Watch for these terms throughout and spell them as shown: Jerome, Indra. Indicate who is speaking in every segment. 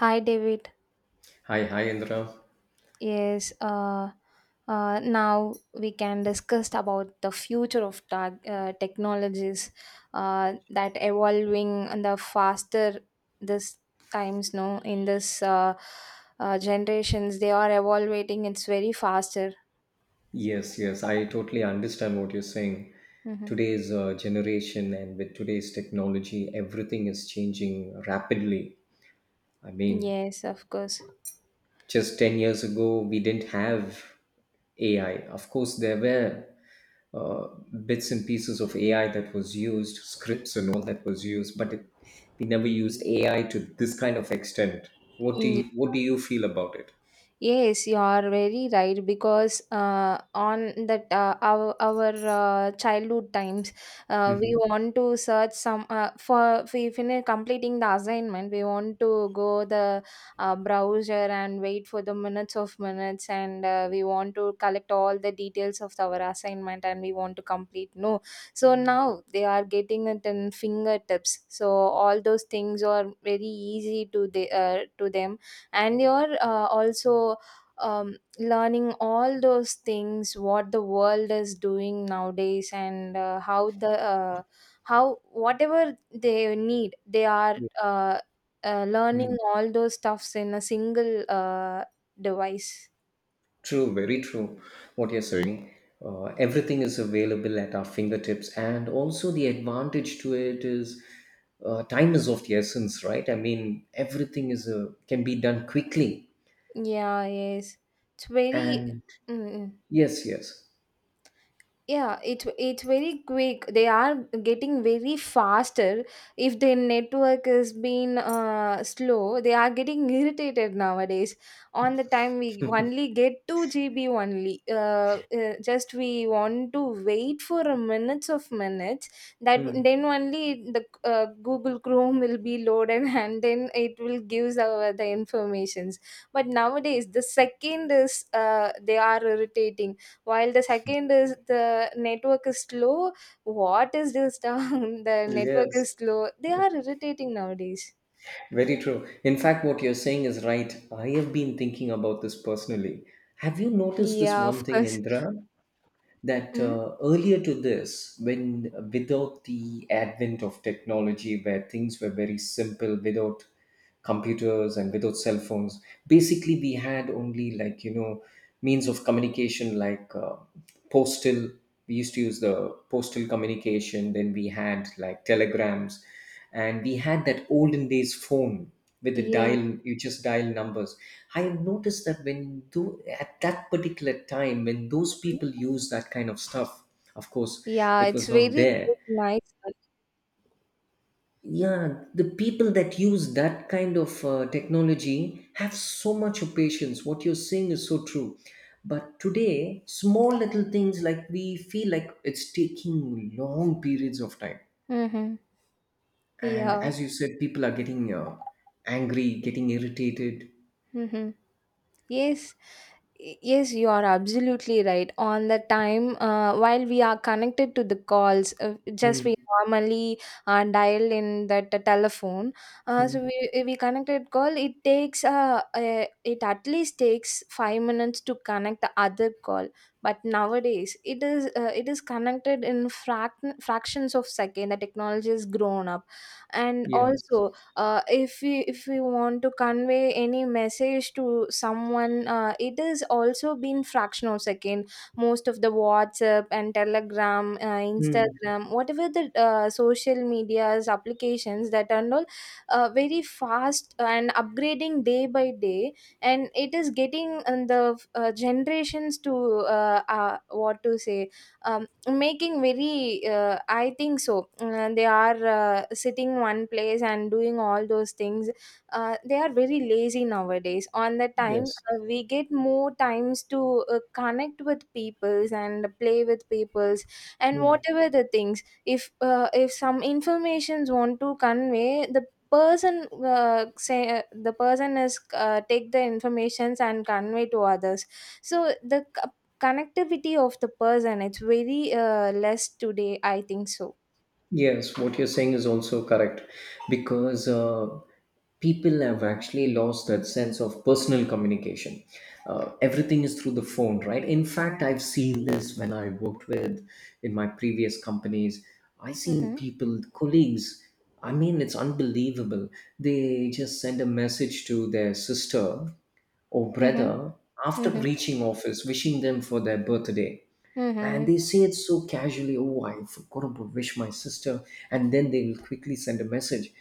Speaker 1: Hi, David.
Speaker 2: Hi, Indra.
Speaker 1: Yes, uh, Now we can discuss about the future of technologies that evolving on the faster this times. No, In this generations, they are evolving. It's very faster.
Speaker 2: Yes, yes, I totally understand what you're saying.
Speaker 1: hmm
Speaker 2: Today's generation and with today's technology, everything is changing rapidly. I mean,
Speaker 1: Yes, of course.
Speaker 2: just 10 years ago, we didn't have AI. Of course, there were uh, bits and pieces of AI that was used, scripts and all that was used, but we never used AI to this kind of extent. What do you feel about it?
Speaker 1: Yes, you are very right because on that our childhood times, we
Speaker 2: Mm-hmm.
Speaker 1: want to search some for we finish completing the assignment. We want to go the browser and wait for the minutes of minutes, and we want to collect all the details of our assignment, and we want to complete. No, so now they are getting it in fingertips. So all those things are very easy to the to them and you're also learning all those things what the world is doing nowadays and how the how whatever they need they are
Speaker 2: Yes. Hmm.
Speaker 1: learning all those stuffs in a single device.
Speaker 2: True, very true. What you're saying, everything is available at our fingertips, and also the advantage to it is time is of the essence, right? I mean, everything is can be done quickly,
Speaker 1: Yeah, yes, it's very
Speaker 2: and
Speaker 1: mm, mm.
Speaker 2: yes, yes,
Speaker 1: Yeah, it's very quick. They are getting very faster. If their network has been slow, they are getting irritated nowadays. On the time we only get 2 GB only just we want to wait for a minutes of minutes, that
Speaker 2: mm,
Speaker 1: then only the google chrome will be loaded and then it will gives our the informations. But nowadays, the second is they are irritating while the second is the network is slow. What is this down, the network
Speaker 2: yes,
Speaker 1: is slow, they are irritating nowadays.
Speaker 2: very true. In fact, what you're saying is right. I have been thinking about this personally. Have you noticed this
Speaker 1: Yeah,
Speaker 2: one
Speaker 1: of
Speaker 2: thing,
Speaker 1: course.
Speaker 2: Indra? That
Speaker 1: Mm.
Speaker 2: earlier to this, when without the advent of technology, where things were very simple, without computers and without cell phones, basically we had only, like, you know, means of communication like postal. We used to use the postal communication. Then we had like telegrams, and we had that olden days phone with the
Speaker 1: Yeah,
Speaker 2: dial. You just dial numbers. I have noticed that when do at that particular time when those people use that kind of stuff, of course,
Speaker 1: yeah,
Speaker 2: it
Speaker 1: it's
Speaker 2: was
Speaker 1: very
Speaker 2: not
Speaker 1: good,
Speaker 2: there.
Speaker 1: nice.
Speaker 2: Yeah, the people that use that kind of technology have so much of patience. What you're saying is so true. But today, small little things like we feel like it's taking long periods of time.
Speaker 1: Mm-hmm.
Speaker 2: And
Speaker 1: Yeah.
Speaker 2: as you said, people are getting angry, getting irritated.
Speaker 1: Mm-hmm. Yes. Yes, you are absolutely right. On the time, while we are connected to the calls, just we
Speaker 2: Mm,
Speaker 1: normally dial in that telephone. Uh, so
Speaker 2: mm,
Speaker 1: we we connected call. It at least takes 5 minutes to connect the other call. But nowadays, it is connected in fractions of second. The technology has grown up, and
Speaker 2: yes.
Speaker 1: also if we want to convey any message to someone, it is also been fractional second. Most of the whatsapp and telegram,
Speaker 2: Mm,
Speaker 1: instagram, whatever the social medias applications, that are all very fast and upgrading day by day, and it is getting the generations to what to say um making very I think so, they are sitting one place and doing all those things. They are very lazy nowadays. On the time,
Speaker 2: yes.
Speaker 1: we get more times to connect with peoples and play with peoples, and whatever the things, if some informations want to convey the person, say the person is take the informations and convey to others. So the connectivity of the person, it's very less today, I think so.
Speaker 2: Yes, what you're saying is also correct because people have actually lost that sense of personal communication. Everything is through the phone, right? In fact, I've seen this when I worked with in my previous companies. I seen
Speaker 1: Mm-hmm.
Speaker 2: people, colleagues. I mean, it's unbelievable. They just send a message to their sister or
Speaker 1: Mm-hmm.
Speaker 2: brother after
Speaker 1: Mm-hmm.
Speaker 2: reaching office, wishing them for their birthday, and
Speaker 1: Mm-hmm.
Speaker 2: they say it so casually, oh, I forgot about wish my sister. And then they will quickly send a message.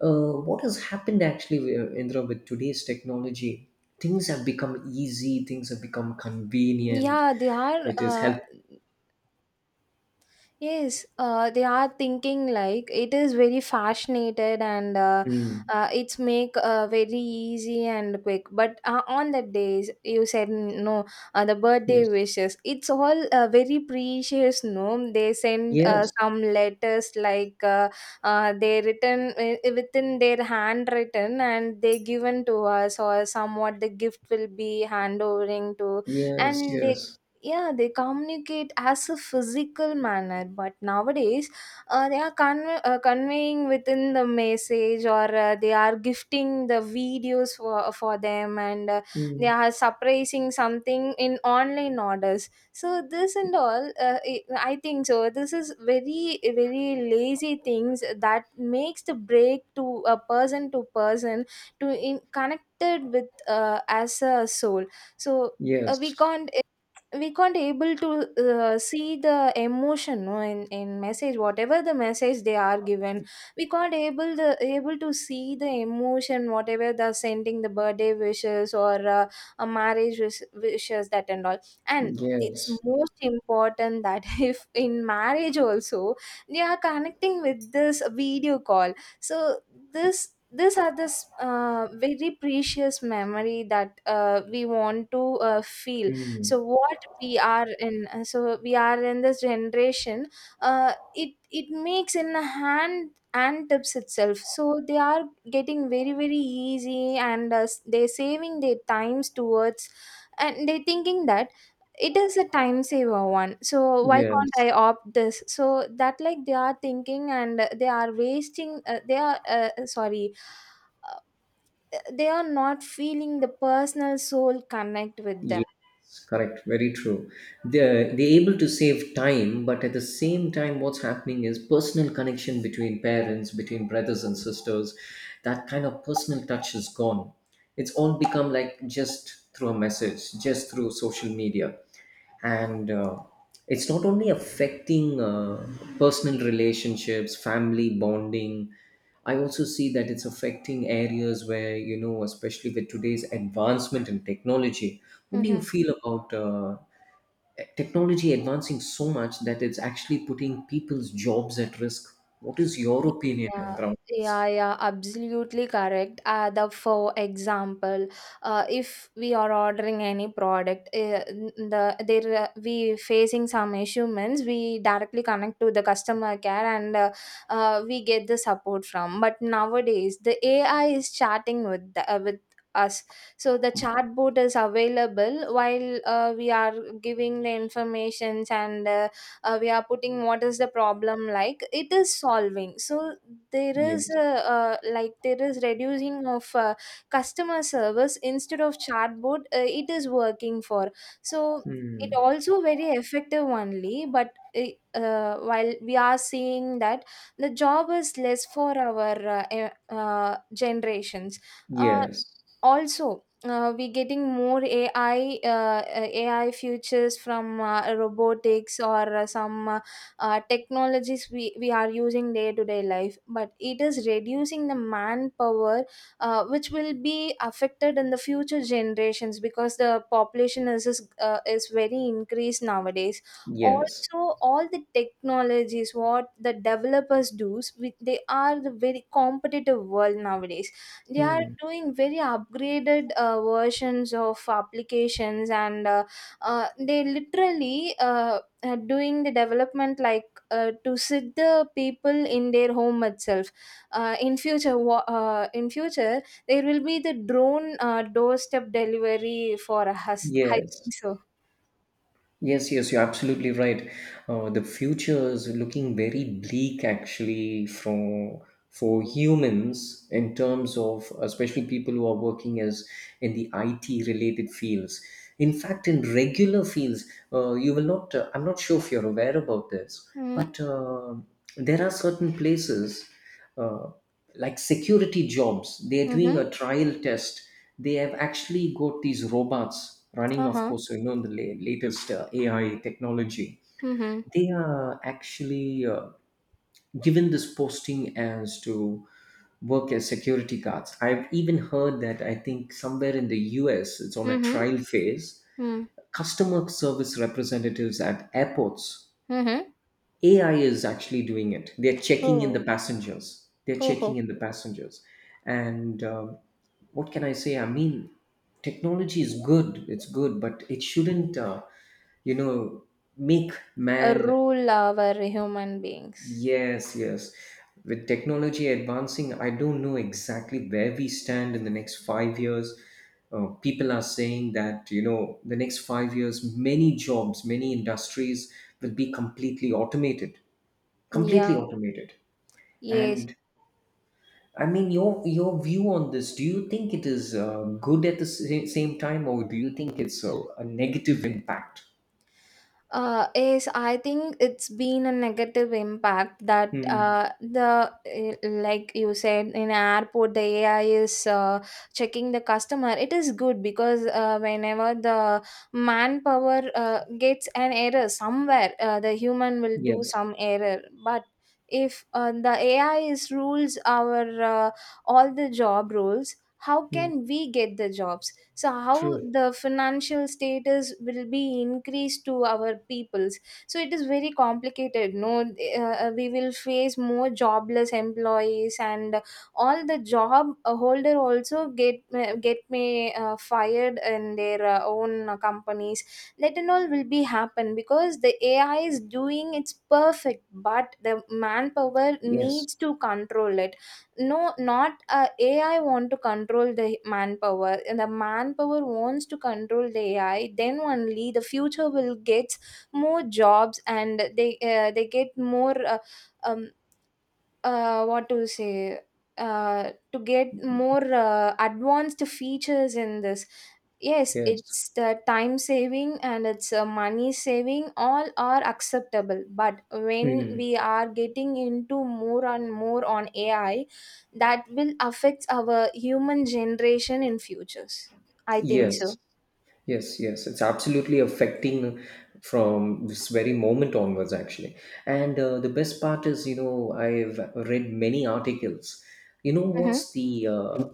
Speaker 2: What has happened actually, Indra, with today's technology? Things have become easy, things have become convenient.
Speaker 1: yeah they are
Speaker 2: It is help.
Speaker 1: Yes, they are thinking like it is very fascinated and
Speaker 2: Mm,
Speaker 1: it's make very easy and quick. But on the days you said, no, the
Speaker 2: yes.
Speaker 1: birthday wishes, it's all very precious. No, they send
Speaker 2: Yes.
Speaker 1: some letters, like they written within their handwritten and they given to us, or somewhat the gift will be handovering to,
Speaker 2: Yes.
Speaker 1: and they,
Speaker 2: Yes.
Speaker 1: yeah, they communicate as a physical manner. But nowadays, conveying within the message, or they are gifting the videos for them, and they
Speaker 2: Mm,
Speaker 1: are surprising something in online orders. So this and all it- I think so, this is very very lazy things that makes the break to a person to person to in connected with as a soul. So uh, we
Speaker 2: yes.
Speaker 1: can't we can't able to see the emotion, no, in message, whatever the message they are given, we can't able the able to see the emotion, whatever they're sending the birthday wishes or a marriage wish, wishes, that and all. And it's
Speaker 2: Yes.
Speaker 1: most important that if in marriage also they are connecting with this video call. So this these are this very precious memory that we want to feel.
Speaker 2: Mm,
Speaker 1: So what we are in so we are in this generation, it it makes in a hand and tips itself. So they are getting very very easy, and they're saving their times towards, and they're thinking that it is a time saver one, so why can't I
Speaker 2: yes.
Speaker 1: opt this? So that, like, they are thinking, and they are wasting they are sorry, uh, they are not feeling the personal soul connect with
Speaker 2: Yes,
Speaker 1: them.
Speaker 2: correct. Very true. They're able to save time, but at the same time, what's happening is personal connection between parents, between brothers and sisters. That kind of personal touch is gone. It's all become like just through a message, just through social media, and it's not only affecting personal relationships, family bonding. I also see that it's affecting areas where, you know, especially with today's advancement in technology, what do you
Speaker 1: Mm-hmm.
Speaker 2: feel about technology advancing so much that it's actually putting people's jobs at risk? What is your opinion
Speaker 1: Yeah,
Speaker 2: around
Speaker 1: yeah,
Speaker 2: this?
Speaker 1: yeah, absolutely correct. The For example, if we are ordering any product, the there we facing some issue means we directly connect to the customer care, and we get the support from. But nowadays, the AI is chatting with with us. So the chatbot is available while we are giving the informations, and we are putting what is the problem, like it is solving. So there is a,
Speaker 2: Yes.
Speaker 1: like there is reducing of customer service, instead of chatbot, it is working for. So it
Speaker 2: Hmm.
Speaker 1: also very effective only, but while we are seeing that the job is less for our generations. uh,
Speaker 2: Yes,
Speaker 1: Also, we're getting more ai, ai futures from robotics, or some technologies we are using day to day life, but it is reducing the manpower, which will be affected in the future generations because the population is very increased nowadays.
Speaker 2: yes.
Speaker 1: Also, all the technologies what the developers do, they are the very competitive world nowadays, they are
Speaker 2: Hmm.
Speaker 1: doing very upgraded versions of applications, and they literally are doing the development, like to sit the people in their home itself. In future, there will be the drone doorstep delivery for us, I
Speaker 2: Yes.
Speaker 1: think so.
Speaker 2: Yes, yes, you're absolutely right. The future is looking very bleak actually for humans in terms of especially people who are working as in the IT related fields. In fact, in regular fields, you will not. I'm not sure if you're aware about this,
Speaker 1: Mm-hmm.
Speaker 2: but there are certain places. Uh, like security jobs, they're doing
Speaker 1: Mm-hmm.
Speaker 2: a trial test. They have actually got these robots running, of
Speaker 1: Uh-huh.
Speaker 2: course, so you know the latest AI technology.
Speaker 1: Mm-hmm.
Speaker 2: They are actually given this posting as to work as security guards. I've even heard that, I think somewhere in the US, it's on a
Speaker 1: Mm-hmm.
Speaker 2: trial phase.
Speaker 1: Mm-hmm.
Speaker 2: Customer service representatives at airports,
Speaker 1: Mm-hmm.
Speaker 2: AI is actually doing it. They're checking in the
Speaker 1: Oh.
Speaker 2: passengers. They're
Speaker 1: Oh,
Speaker 2: checking
Speaker 1: oh.
Speaker 2: in the passengers. And what can I say? I mean, technology is good. It's good, but it shouldn't, you know, make
Speaker 1: A
Speaker 2: man.
Speaker 1: rule over human beings.
Speaker 2: Yes, yes. With technology advancing, I don't know exactly where we stand in the next 5 years. People are saying that, you know, the next 5 years, many jobs, many industries will be completely automated, completely
Speaker 1: Yeah.
Speaker 2: automated.
Speaker 1: Yes,
Speaker 2: And I mean, your view on this, do you think it is good at the same time, or do you think it's a negative impact?
Speaker 1: yes, I think it's been a negative impact that
Speaker 2: Hmm.
Speaker 1: the like you said, in airport the AI is checking the customer. It is good because whenever the manpower gets an error somewhere, the human will do
Speaker 2: Yes.
Speaker 1: some error. But if the AI is rules our all the job rules, how
Speaker 2: Hmm.
Speaker 1: can we get the jobs? So how
Speaker 2: True.
Speaker 1: the financial status will be increased to our peoples? So it is very complicated, no, we will face more jobless employees, and all the job holder also get me fired in their own companies. That and all will be happen, because the ai is doing its perfect, but the manpower
Speaker 2: Yes,
Speaker 1: needs to control it. No, not ai want to control the manpower, and the manpower wants to control the ai, then only the future will get more jobs, and they get more um, what to say to get more advanced features in this. Yes,
Speaker 2: yes.
Speaker 1: it's the time saving, and it's money saving, all are acceptable. But when
Speaker 2: Hmm.
Speaker 1: we are getting into more and more on ai, that will affect our human generation in futures, I think
Speaker 2: Yes.
Speaker 1: so.
Speaker 2: Yes, yes, it's absolutely affecting from this very moment onwards, actually. And the best part is, you know, I've read many articles. You know,
Speaker 1: Mm-hmm,
Speaker 2: what's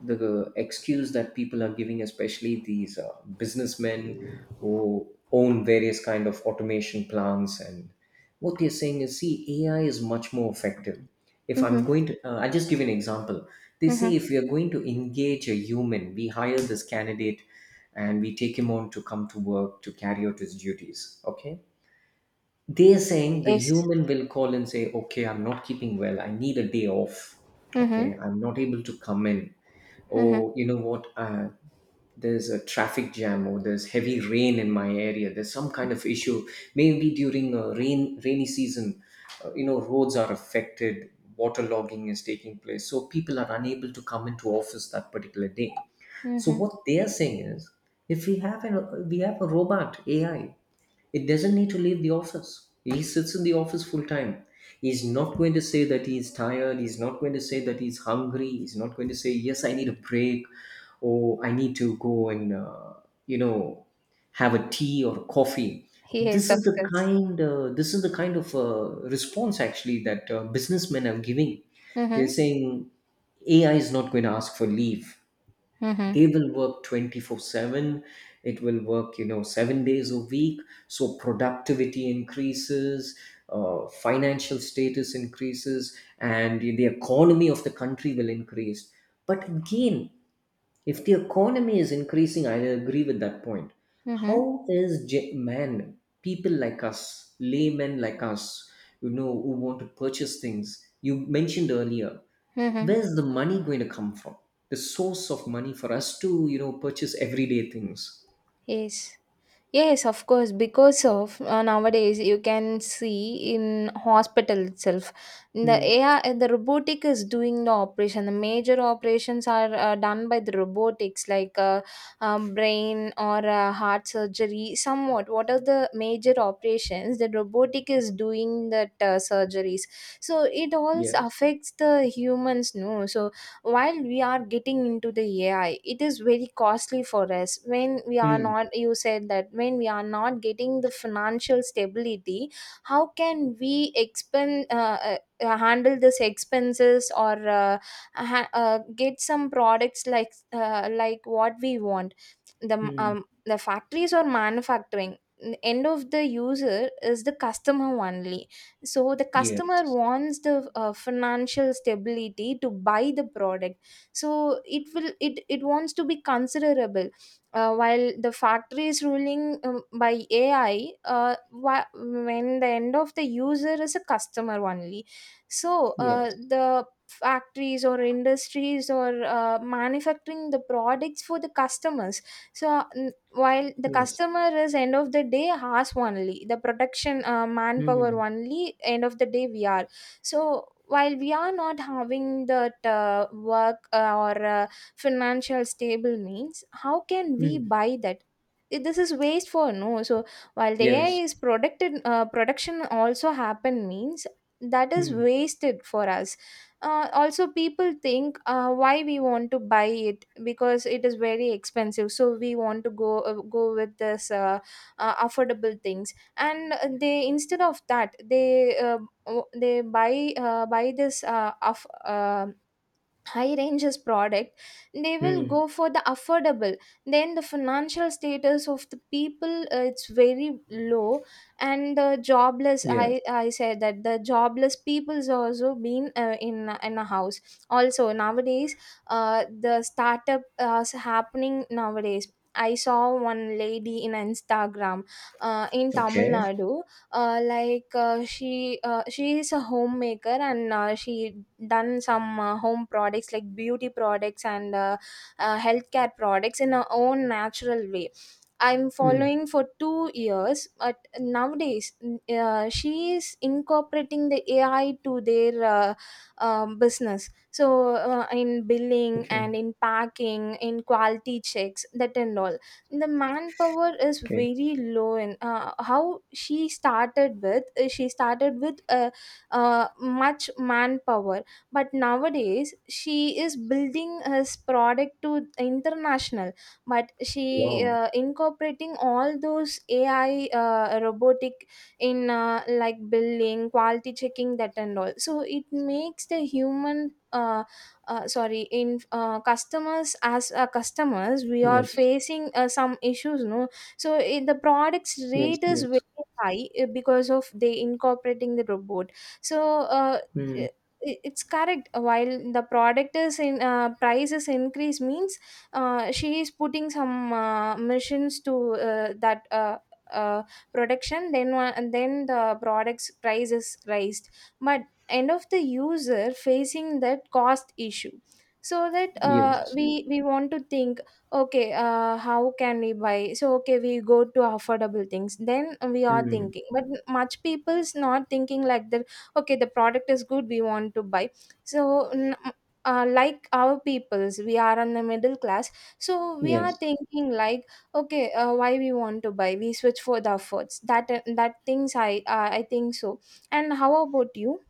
Speaker 2: the excuse that people are giving, especially these businessmen who own various kind of automation plants, and what they're saying is, see, AI is much more effective. If I'm
Speaker 1: mm-hmm,
Speaker 2: going to, I'll just give you an example. They
Speaker 1: mm-hmm.
Speaker 2: say if we are going to engage a human, we hire this candidate and we take him on to come to work to carry out his duties. Okay. They're saying the
Speaker 1: Yes.
Speaker 2: human will call and say, okay, I'm not keeping well. I need a day off.
Speaker 1: Mm-hmm,
Speaker 2: Okay. I'm not able to come in.
Speaker 1: mm-hmm,
Speaker 2: Or, you know what? There's a traffic jam or there's heavy rain in my area. There's some kind of issue. Maybe during a rainy season, you know, roads are affected. Water logging is taking place. So people are unable to come into office that particular day. So
Speaker 1: mm-hmm.
Speaker 2: what they are saying is, if we have a robot AI, it doesn't need to leave the office. He sits in the office full time. He's not going to say that he's tired. He's not going to say that he's hungry. He's not going to say yes, I need a break, or I need to go and you know, have a tea or coffee.
Speaker 1: Yes, of course.
Speaker 2: This is the kind of response actually that businessmen are giving. They're
Speaker 1: Mm-hmm,
Speaker 2: saying AI is not going to ask for leave,
Speaker 1: mm-hmm,
Speaker 2: they will work 24/7, it will work, you know, 7 days a week, so productivity increases, financial status increases, and the economy of the country will increase. But again, if the economy is increasing, I agree with that point.
Speaker 1: mm-hmm,
Speaker 2: How is man, people like us, laymen like us, you know, who want to purchase things? You mentioned earlier,
Speaker 1: mm-hmm.
Speaker 2: where's the money going to come from? The source of money for us to, you know, purchase everyday things.
Speaker 1: Yes, yes, of course. Because of nowadays, you can see in hospital itself, the
Speaker 2: Hmm.
Speaker 1: AI, the robotic is doing the operation. The major operations are done by the robotics, like brain or heart surgery. Somewhat, what are the major operations? The robotic is doing that surgeries. So it also
Speaker 2: Yes.
Speaker 1: affects the humans, no? So while we are getting into the AI, it is very costly for us when we are
Speaker 2: Hmm.
Speaker 1: not you said that, when we are not getting the financial stability, how can we expend handle this expenses or get some products like like what we want. the
Speaker 2: Hmm.
Speaker 1: um, the factories are manufacturing. End of the user is the customer only. So the customer
Speaker 2: Yes.
Speaker 1: wants the financial stability to buy the product. So it will it it wants to be considerable. While the factory is ruling by AI, when the end of the user is a customer only. So
Speaker 2: Yes.
Speaker 1: the factories or industries or manufacturing the products for the customers. so n- while the
Speaker 2: Yes.
Speaker 1: customer is end of the day has only the production manpower
Speaker 2: Hmm.
Speaker 1: only, end of the day we are. So while we are not having that work or financial stable means, how can we
Speaker 2: Hmm.
Speaker 1: buy that? This is waste for no. So while the AI
Speaker 2: Yes.
Speaker 1: is producted production also happen means, that is
Speaker 2: Hmm.
Speaker 1: wasted for us. Also people think, why we want to buy it, because it is very expensive, so we want to go with this affordable things. And they, instead of that they they buy this high ranges product, they will
Speaker 2: Hmm.
Speaker 1: go for the affordable. Then the financial status of the people, it's very low. And the jobless,
Speaker 2: Yes.
Speaker 1: I said that the jobless people's also been in a house. Also nowadays, the startup is happening nowadays. I saw one lady in Instagram, in Tamil
Speaker 2: Okay.
Speaker 1: Nadu, she is a homemaker, and she done some home products like beauty products and healthcare products in her own natural way. I'm
Speaker 2: Hmm.
Speaker 1: following for 2 years, but nowadays, she is incorporating the AI to their business. So in billing and
Speaker 2: Okay.
Speaker 1: in packing, in quality checks, that and all, the manpower is
Speaker 2: Okay.
Speaker 1: very low. And how she started with much manpower. But nowadays she is building his product to international, but she
Speaker 2: Wow.
Speaker 1: incorporating all those AI robotic in, like billing, quality checking, that and all. So it makes the human sorry, in customers as customers, we are
Speaker 2: Yes,
Speaker 1: facing some issues, no. So it, the products
Speaker 2: yes,
Speaker 1: rate is very
Speaker 2: yes.
Speaker 1: high, because of they incorporating the robot. so uh,
Speaker 2: Mm,
Speaker 1: i- it's correct. While the product is in price is increase means, she is putting some machines to that uh, production, then one, and then the products price is raised. But end of the user facing that cost issue. So that, uh,
Speaker 2: yes,
Speaker 1: we we want to think, okay, how can we buy? So okay, we go to affordable things, then we are
Speaker 2: mm,
Speaker 1: thinking. But much people's not thinking like that. Okay, the product is good, we want to buy. so n- like our peoples, we are on the middle class, so we are
Speaker 2: yes.
Speaker 1: thinking like, okay, why we want to buy? We switch for the affords. That things I think so. And how about you?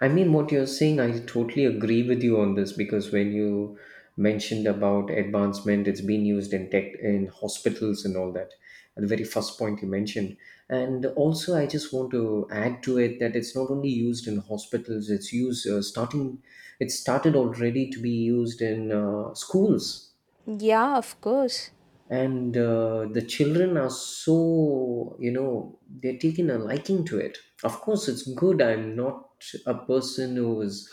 Speaker 2: I mean, what you're saying, I totally agree with you on this because when you mentioned about advancement, it's been used in tech, in hospitals, and all that. At the very first point you mentioned, and also I just want to add to it that it's not only used in hospitals; it's used starting. It started already to be used in schools,
Speaker 1: Yeah, of course.
Speaker 2: and the children are, so, you know, they're taking a liking to it. Of course it's good. I'm not a person who is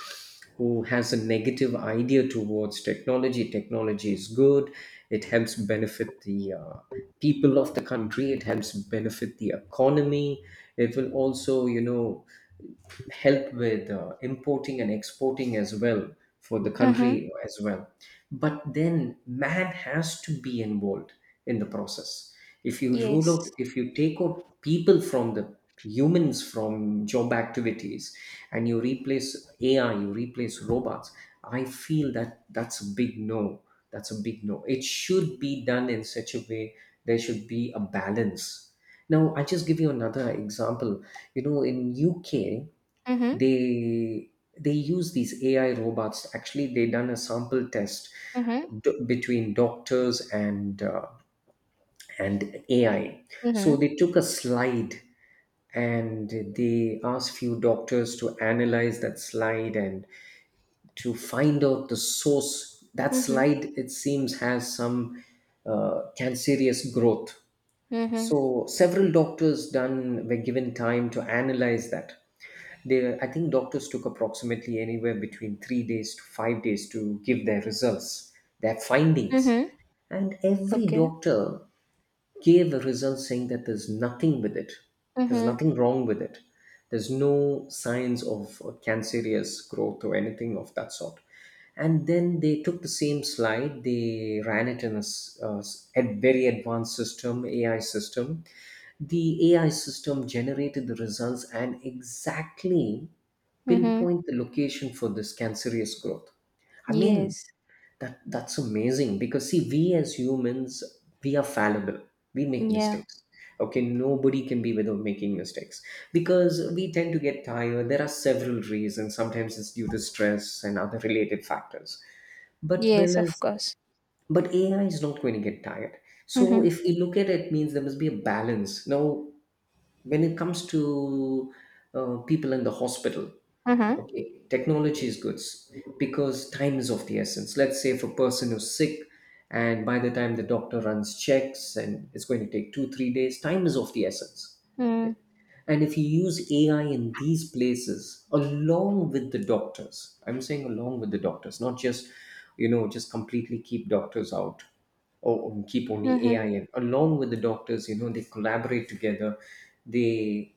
Speaker 2: who has a negative idea towards technology. Technology is good. It helps benefit the people of the country. It helps benefit the economy. It will also, you know, help with importing and exporting as well, for the
Speaker 1: Mm-hmm.
Speaker 2: country as well. But then man has to be involved in the process. If you rule
Speaker 1: Yes.
Speaker 2: out, if you take out people from the humans from job activities, and you replace AI, you replace robots, I feel that that's a big no. That's a big no. It should be done in such a way, there should be a balance. Now I just give you another example. You know, in UK,
Speaker 1: Mm-hmm.
Speaker 2: they they use these AI robots, actually, they done a sample test
Speaker 1: Mm-hmm.
Speaker 2: between doctors and AI. So
Speaker 1: Mm-hmm.
Speaker 2: they took a slide and they asked few doctors to analyze that slide and to find out the source. That
Speaker 1: Mm-hmm.
Speaker 2: slide, it seems, has some cancerous growth.
Speaker 1: Mm-hmm.
Speaker 2: So several doctors done were given time to analyze that. They, I think doctors took approximately anywhere between 3 days to 5 days to give their results, their findings.
Speaker 1: Mm-hmm.
Speaker 2: And every
Speaker 1: Okay.
Speaker 2: doctor gave a result saying that there's nothing with it. There's
Speaker 1: Mm-hmm.
Speaker 2: nothing wrong with it. There's no signs of cancerous growth or anything of that sort. And then they took the same slide, they ran it in a very advanced system, AI system, the AI system generated the results and exactly
Speaker 1: Mm-hmm.
Speaker 2: pinpoint the location for this cancerous growth. I mean,
Speaker 1: Yes.
Speaker 2: that that's amazing because see, we as humans, we are fallible. We make
Speaker 1: Yeah.
Speaker 2: mistakes. Okay, nobody can be without making mistakes because we tend to get tired. There are several reasons. Sometimes it's due to stress and other related factors. But Will
Speaker 1: Yes, of
Speaker 2: is
Speaker 1: course.
Speaker 2: but AI is not going to get tired. So
Speaker 1: Mm-hmm.
Speaker 2: if you look at it, means there must be a balance. Now when it comes to people in the hospital,
Speaker 1: Mm-hmm.
Speaker 2: okay, technology is good because time is of the essence. Let's say if a person is sick and by the time the doctor runs checks, and it's going to take 2 3 days, time is of the essence.
Speaker 1: Mm-hmm.
Speaker 2: And if you use AI in these places along with the doctors, I'm saying along with the doctors, not just you know just completely keep doctors out or keep only AI in. Along with the doctors, you know, they collaborate together. They,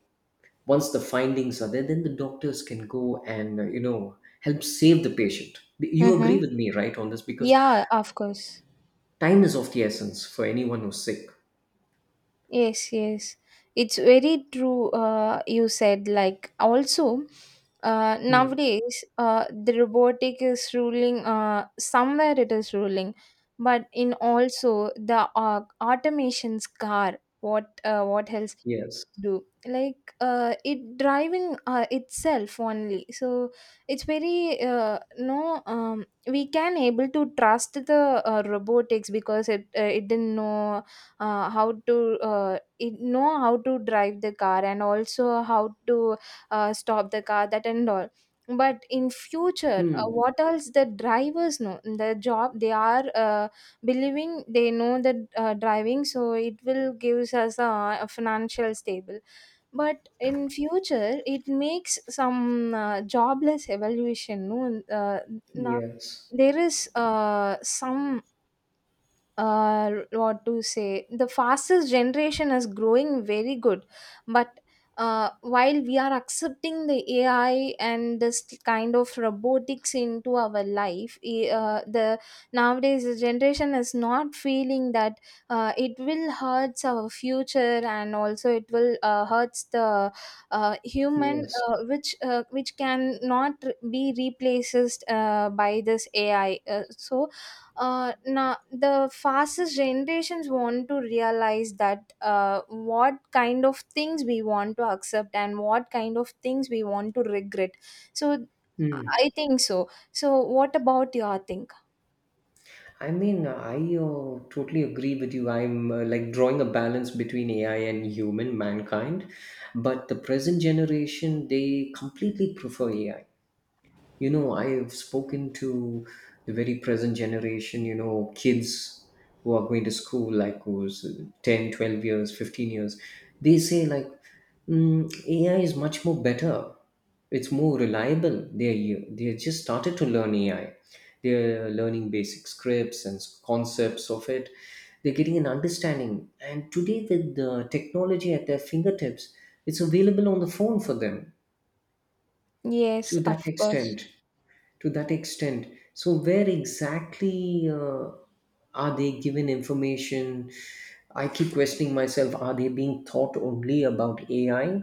Speaker 2: once the findings are there, then the doctors can go and help save the patient. You agree
Speaker 1: Mm-hmm.
Speaker 2: with me, right, on this? Because
Speaker 1: Yeah, of course.
Speaker 2: time is of the essence for anyone who's sick.
Speaker 1: Yes, yes. It's very true. You said like, also
Speaker 2: Hmm.
Speaker 1: nowadays the robotic is ruling. Somewhere it is ruling, but in also the automation's car. What else
Speaker 2: Yes.
Speaker 1: do, like, it driving itself only? So it's very no, we can able to trust the robotics, because it didn't know how to it know how to drive the car, and also how to stop the car, that and all. But in future,
Speaker 2: Hmm.
Speaker 1: what else, the drivers know the job, they are believing, they know that driving, so it will gives us a financial stable. But in future it makes some jobless evaluation, no. uh, Now
Speaker 2: Yes.
Speaker 1: there is some, what to say, the fastest generation is growing very good. But while we are accepting the AI and this kind of robotics into our life, I- the nowadays the generation is not feeling that it will hurts our future, and also it will hurts the human,
Speaker 2: Yes.
Speaker 1: which can not be replaced by this AI. Now the fastest generations want to realize that what kind of things we want to accept, and what kind of things we want to regret. so
Speaker 2: Hmm.
Speaker 1: I think so. What about your think?
Speaker 2: I totally agree with you. I'm like drawing a balance between AI and human mankind, but the present generation, they completely prefer AI. You know, I've spoken to the very present generation, you know, kids who are going to school, like who's 10 12 years, 15 years. They say like, mm, AI is much more better, it's more reliable. They just started to learn AI. They're learning basic scripts and concepts of it. They're getting an understanding. And today with the technology at their fingertips, it's available on the phone for them,
Speaker 1: Yes,
Speaker 2: to that
Speaker 1: of course.
Speaker 2: extent. To that extent. So, where exactly are they given information? I keep questioning myself: are they being taught only about AI?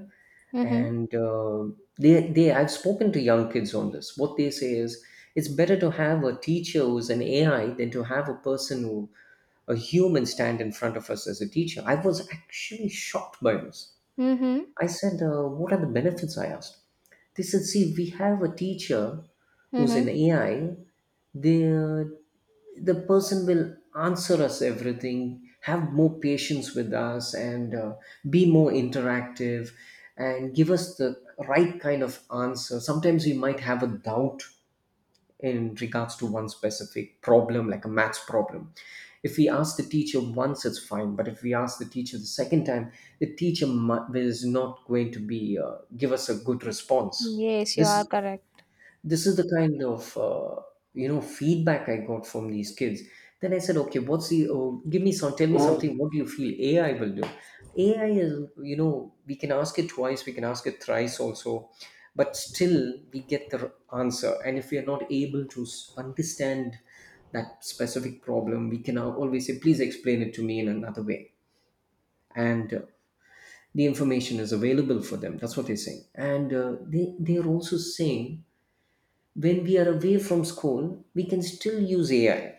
Speaker 1: Mm-hmm.
Speaker 2: And I've spoken to young kids on this. What they say is, it's better to have a teacher who's an AI than to have a person who, a human, stand in front of us as a teacher. I was actually shocked by this.
Speaker 1: Mm-hmm.
Speaker 2: I said, what are the benefits? I asked. They said, see, we have a teacher who's
Speaker 1: Mm-hmm.
Speaker 2: an AI. The, the person will answer us everything, have more patience with us, and be more interactive and give us the right kind of answer. Sometimes we might have a doubt in regards to one specific problem, like a maths problem. If we ask the teacher once, it's fine. But if we ask the teacher the second time, the is not going to be give us a good response.
Speaker 1: Yes, you are
Speaker 2: This
Speaker 1: correct.
Speaker 2: this is the kind of feedback I got from these kids. Then I said, okay, give me some, tell me something, what do you feel AI will do? AI is, you know, we can ask it twice, we can ask it thrice also, but still we get the answer. And if we are not able to understand that specific problem, we can always say, please explain it to me in another way. And the information is available for them. That's what they're saying. And they, they're also saying, when we are away from school, we can still use AI.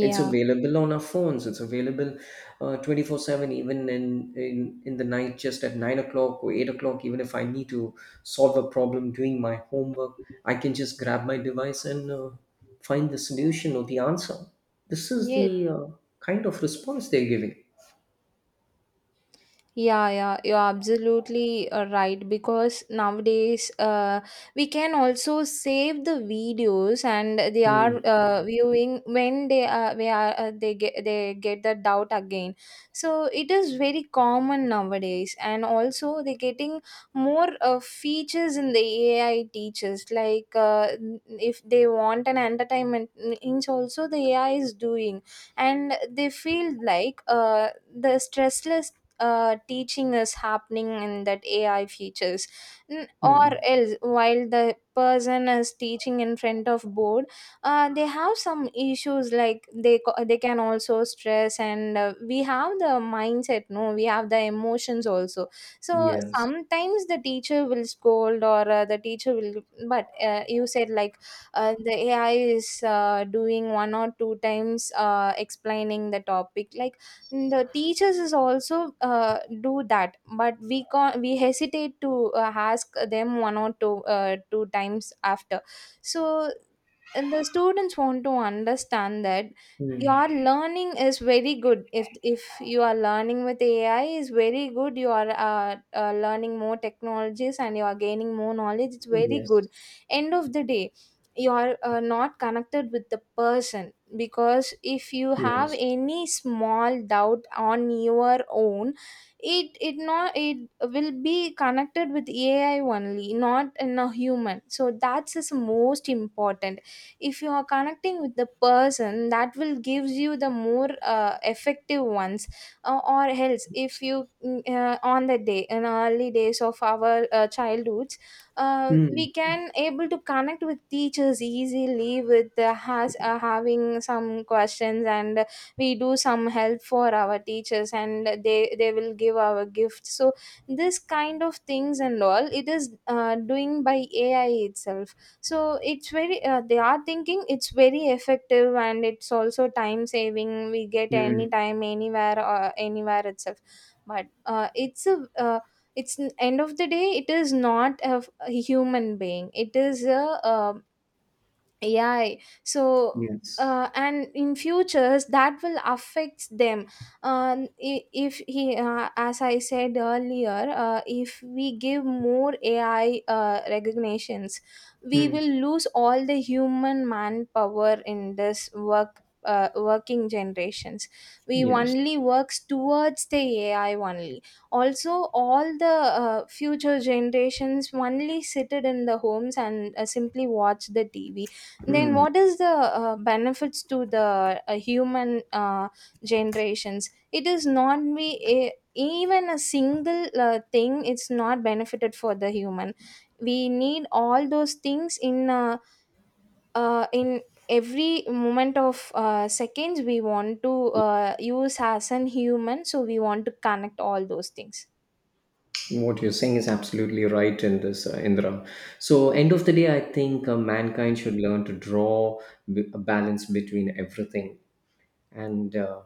Speaker 2: It's available on our phones. It's available 24/7, even in, in the night, just at 9 o'clock or 8 o'clock. Even if I need to solve a problem doing my homework, I can just grab my device and find the solution or the answer. This is
Speaker 1: yes.
Speaker 2: the kind of response they're giving.
Speaker 1: Yeah, yeah, you're absolutely right, because nowadays we can also save the videos and they are
Speaker 2: Hmm.
Speaker 1: viewing when they we are they get the doubt again. So it is very common nowadays, and also they're getting more features in the AI teachers. Like, if they want an entertainment, means also the AI is doing, and they feel like the stressless teaching is happening in that AI features. Or
Speaker 2: Hmm.
Speaker 1: else, while the person is teaching in front of board, they have some issues, like they can also stress, and we have the mindset, no, we have the emotions also. So
Speaker 2: Yes.
Speaker 1: sometimes the teacher will scold, or the teacher will, but you said like the AI is doing one or two times explaining the topic. Like, the teachers is also do that, but we hesitate to ask them one or two times after. So, and the students want to understand that your
Speaker 2: Hmm.
Speaker 1: learning is very good. If you are learning with AI, is very good. You are learning more technologies and you are gaining more knowledge, it's very
Speaker 2: Yes.
Speaker 1: good. End of the day, you are not connected with the person, because if you have
Speaker 2: Yes.
Speaker 1: any small doubt on your own, it not it will be connected with AI only, not in a human. So that's is most important. If you are connecting with the person, that will gives you the more effective ones. Or else, if you on the day, in early days of our childhoods,
Speaker 2: Hmm.
Speaker 1: we can able to connect with teachers easily with the has having some questions, and we do some help for our teachers, and they will give our gifts. So this kind of things and all, it is doing by AI itself. So it's very they are thinking it's very effective, and it's also time saving, we get any
Speaker 2: Hmm.
Speaker 1: time, anywhere itself. But it's, end of the day, it is not a human being, it is AI. So,
Speaker 2: Yes.
Speaker 1: and in futures, that will affect them. I- if he, As I said earlier, if we give more AI recognitions, we
Speaker 2: Hmm.
Speaker 1: will lose all the human manpower in this work. Working generations, we
Speaker 2: Yes.
Speaker 1: only works towards the AI only. Also all the future generations only seated in the homes, and simply watch the TV. Then what is the benefits to the human generations? It is not be a, even a single thing, it's not benefited for the human. We need all those things in every moment of seconds, we want to use as an human, so we want to connect all those things.
Speaker 2: What you're saying is absolutely right in this, Indra. So end of the day, I think mankind should learn to draw a balance between everything. And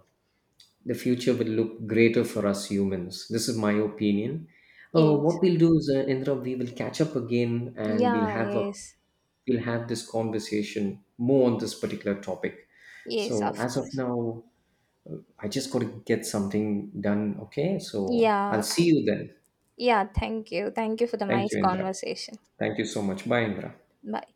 Speaker 2: the future will look greater for us humans. This is my opinion.
Speaker 1: Yes.
Speaker 2: What we'll do is, Indra, we will catch up again, and we'll
Speaker 1: Yeah,
Speaker 2: have a,
Speaker 1: yes.
Speaker 2: we'll have this conversation more on this particular topic.
Speaker 1: Yes,
Speaker 2: So
Speaker 1: of
Speaker 2: as of
Speaker 1: course.
Speaker 2: now, I just got to get something done, okay? So I'll
Speaker 1: Yeah,
Speaker 2: see you then.
Speaker 1: yeah, thank you, thank you for the
Speaker 2: Thank
Speaker 1: nice
Speaker 2: you, Indra.
Speaker 1: conversation.
Speaker 2: Thank you so much. Bye, Indra.
Speaker 1: Bye.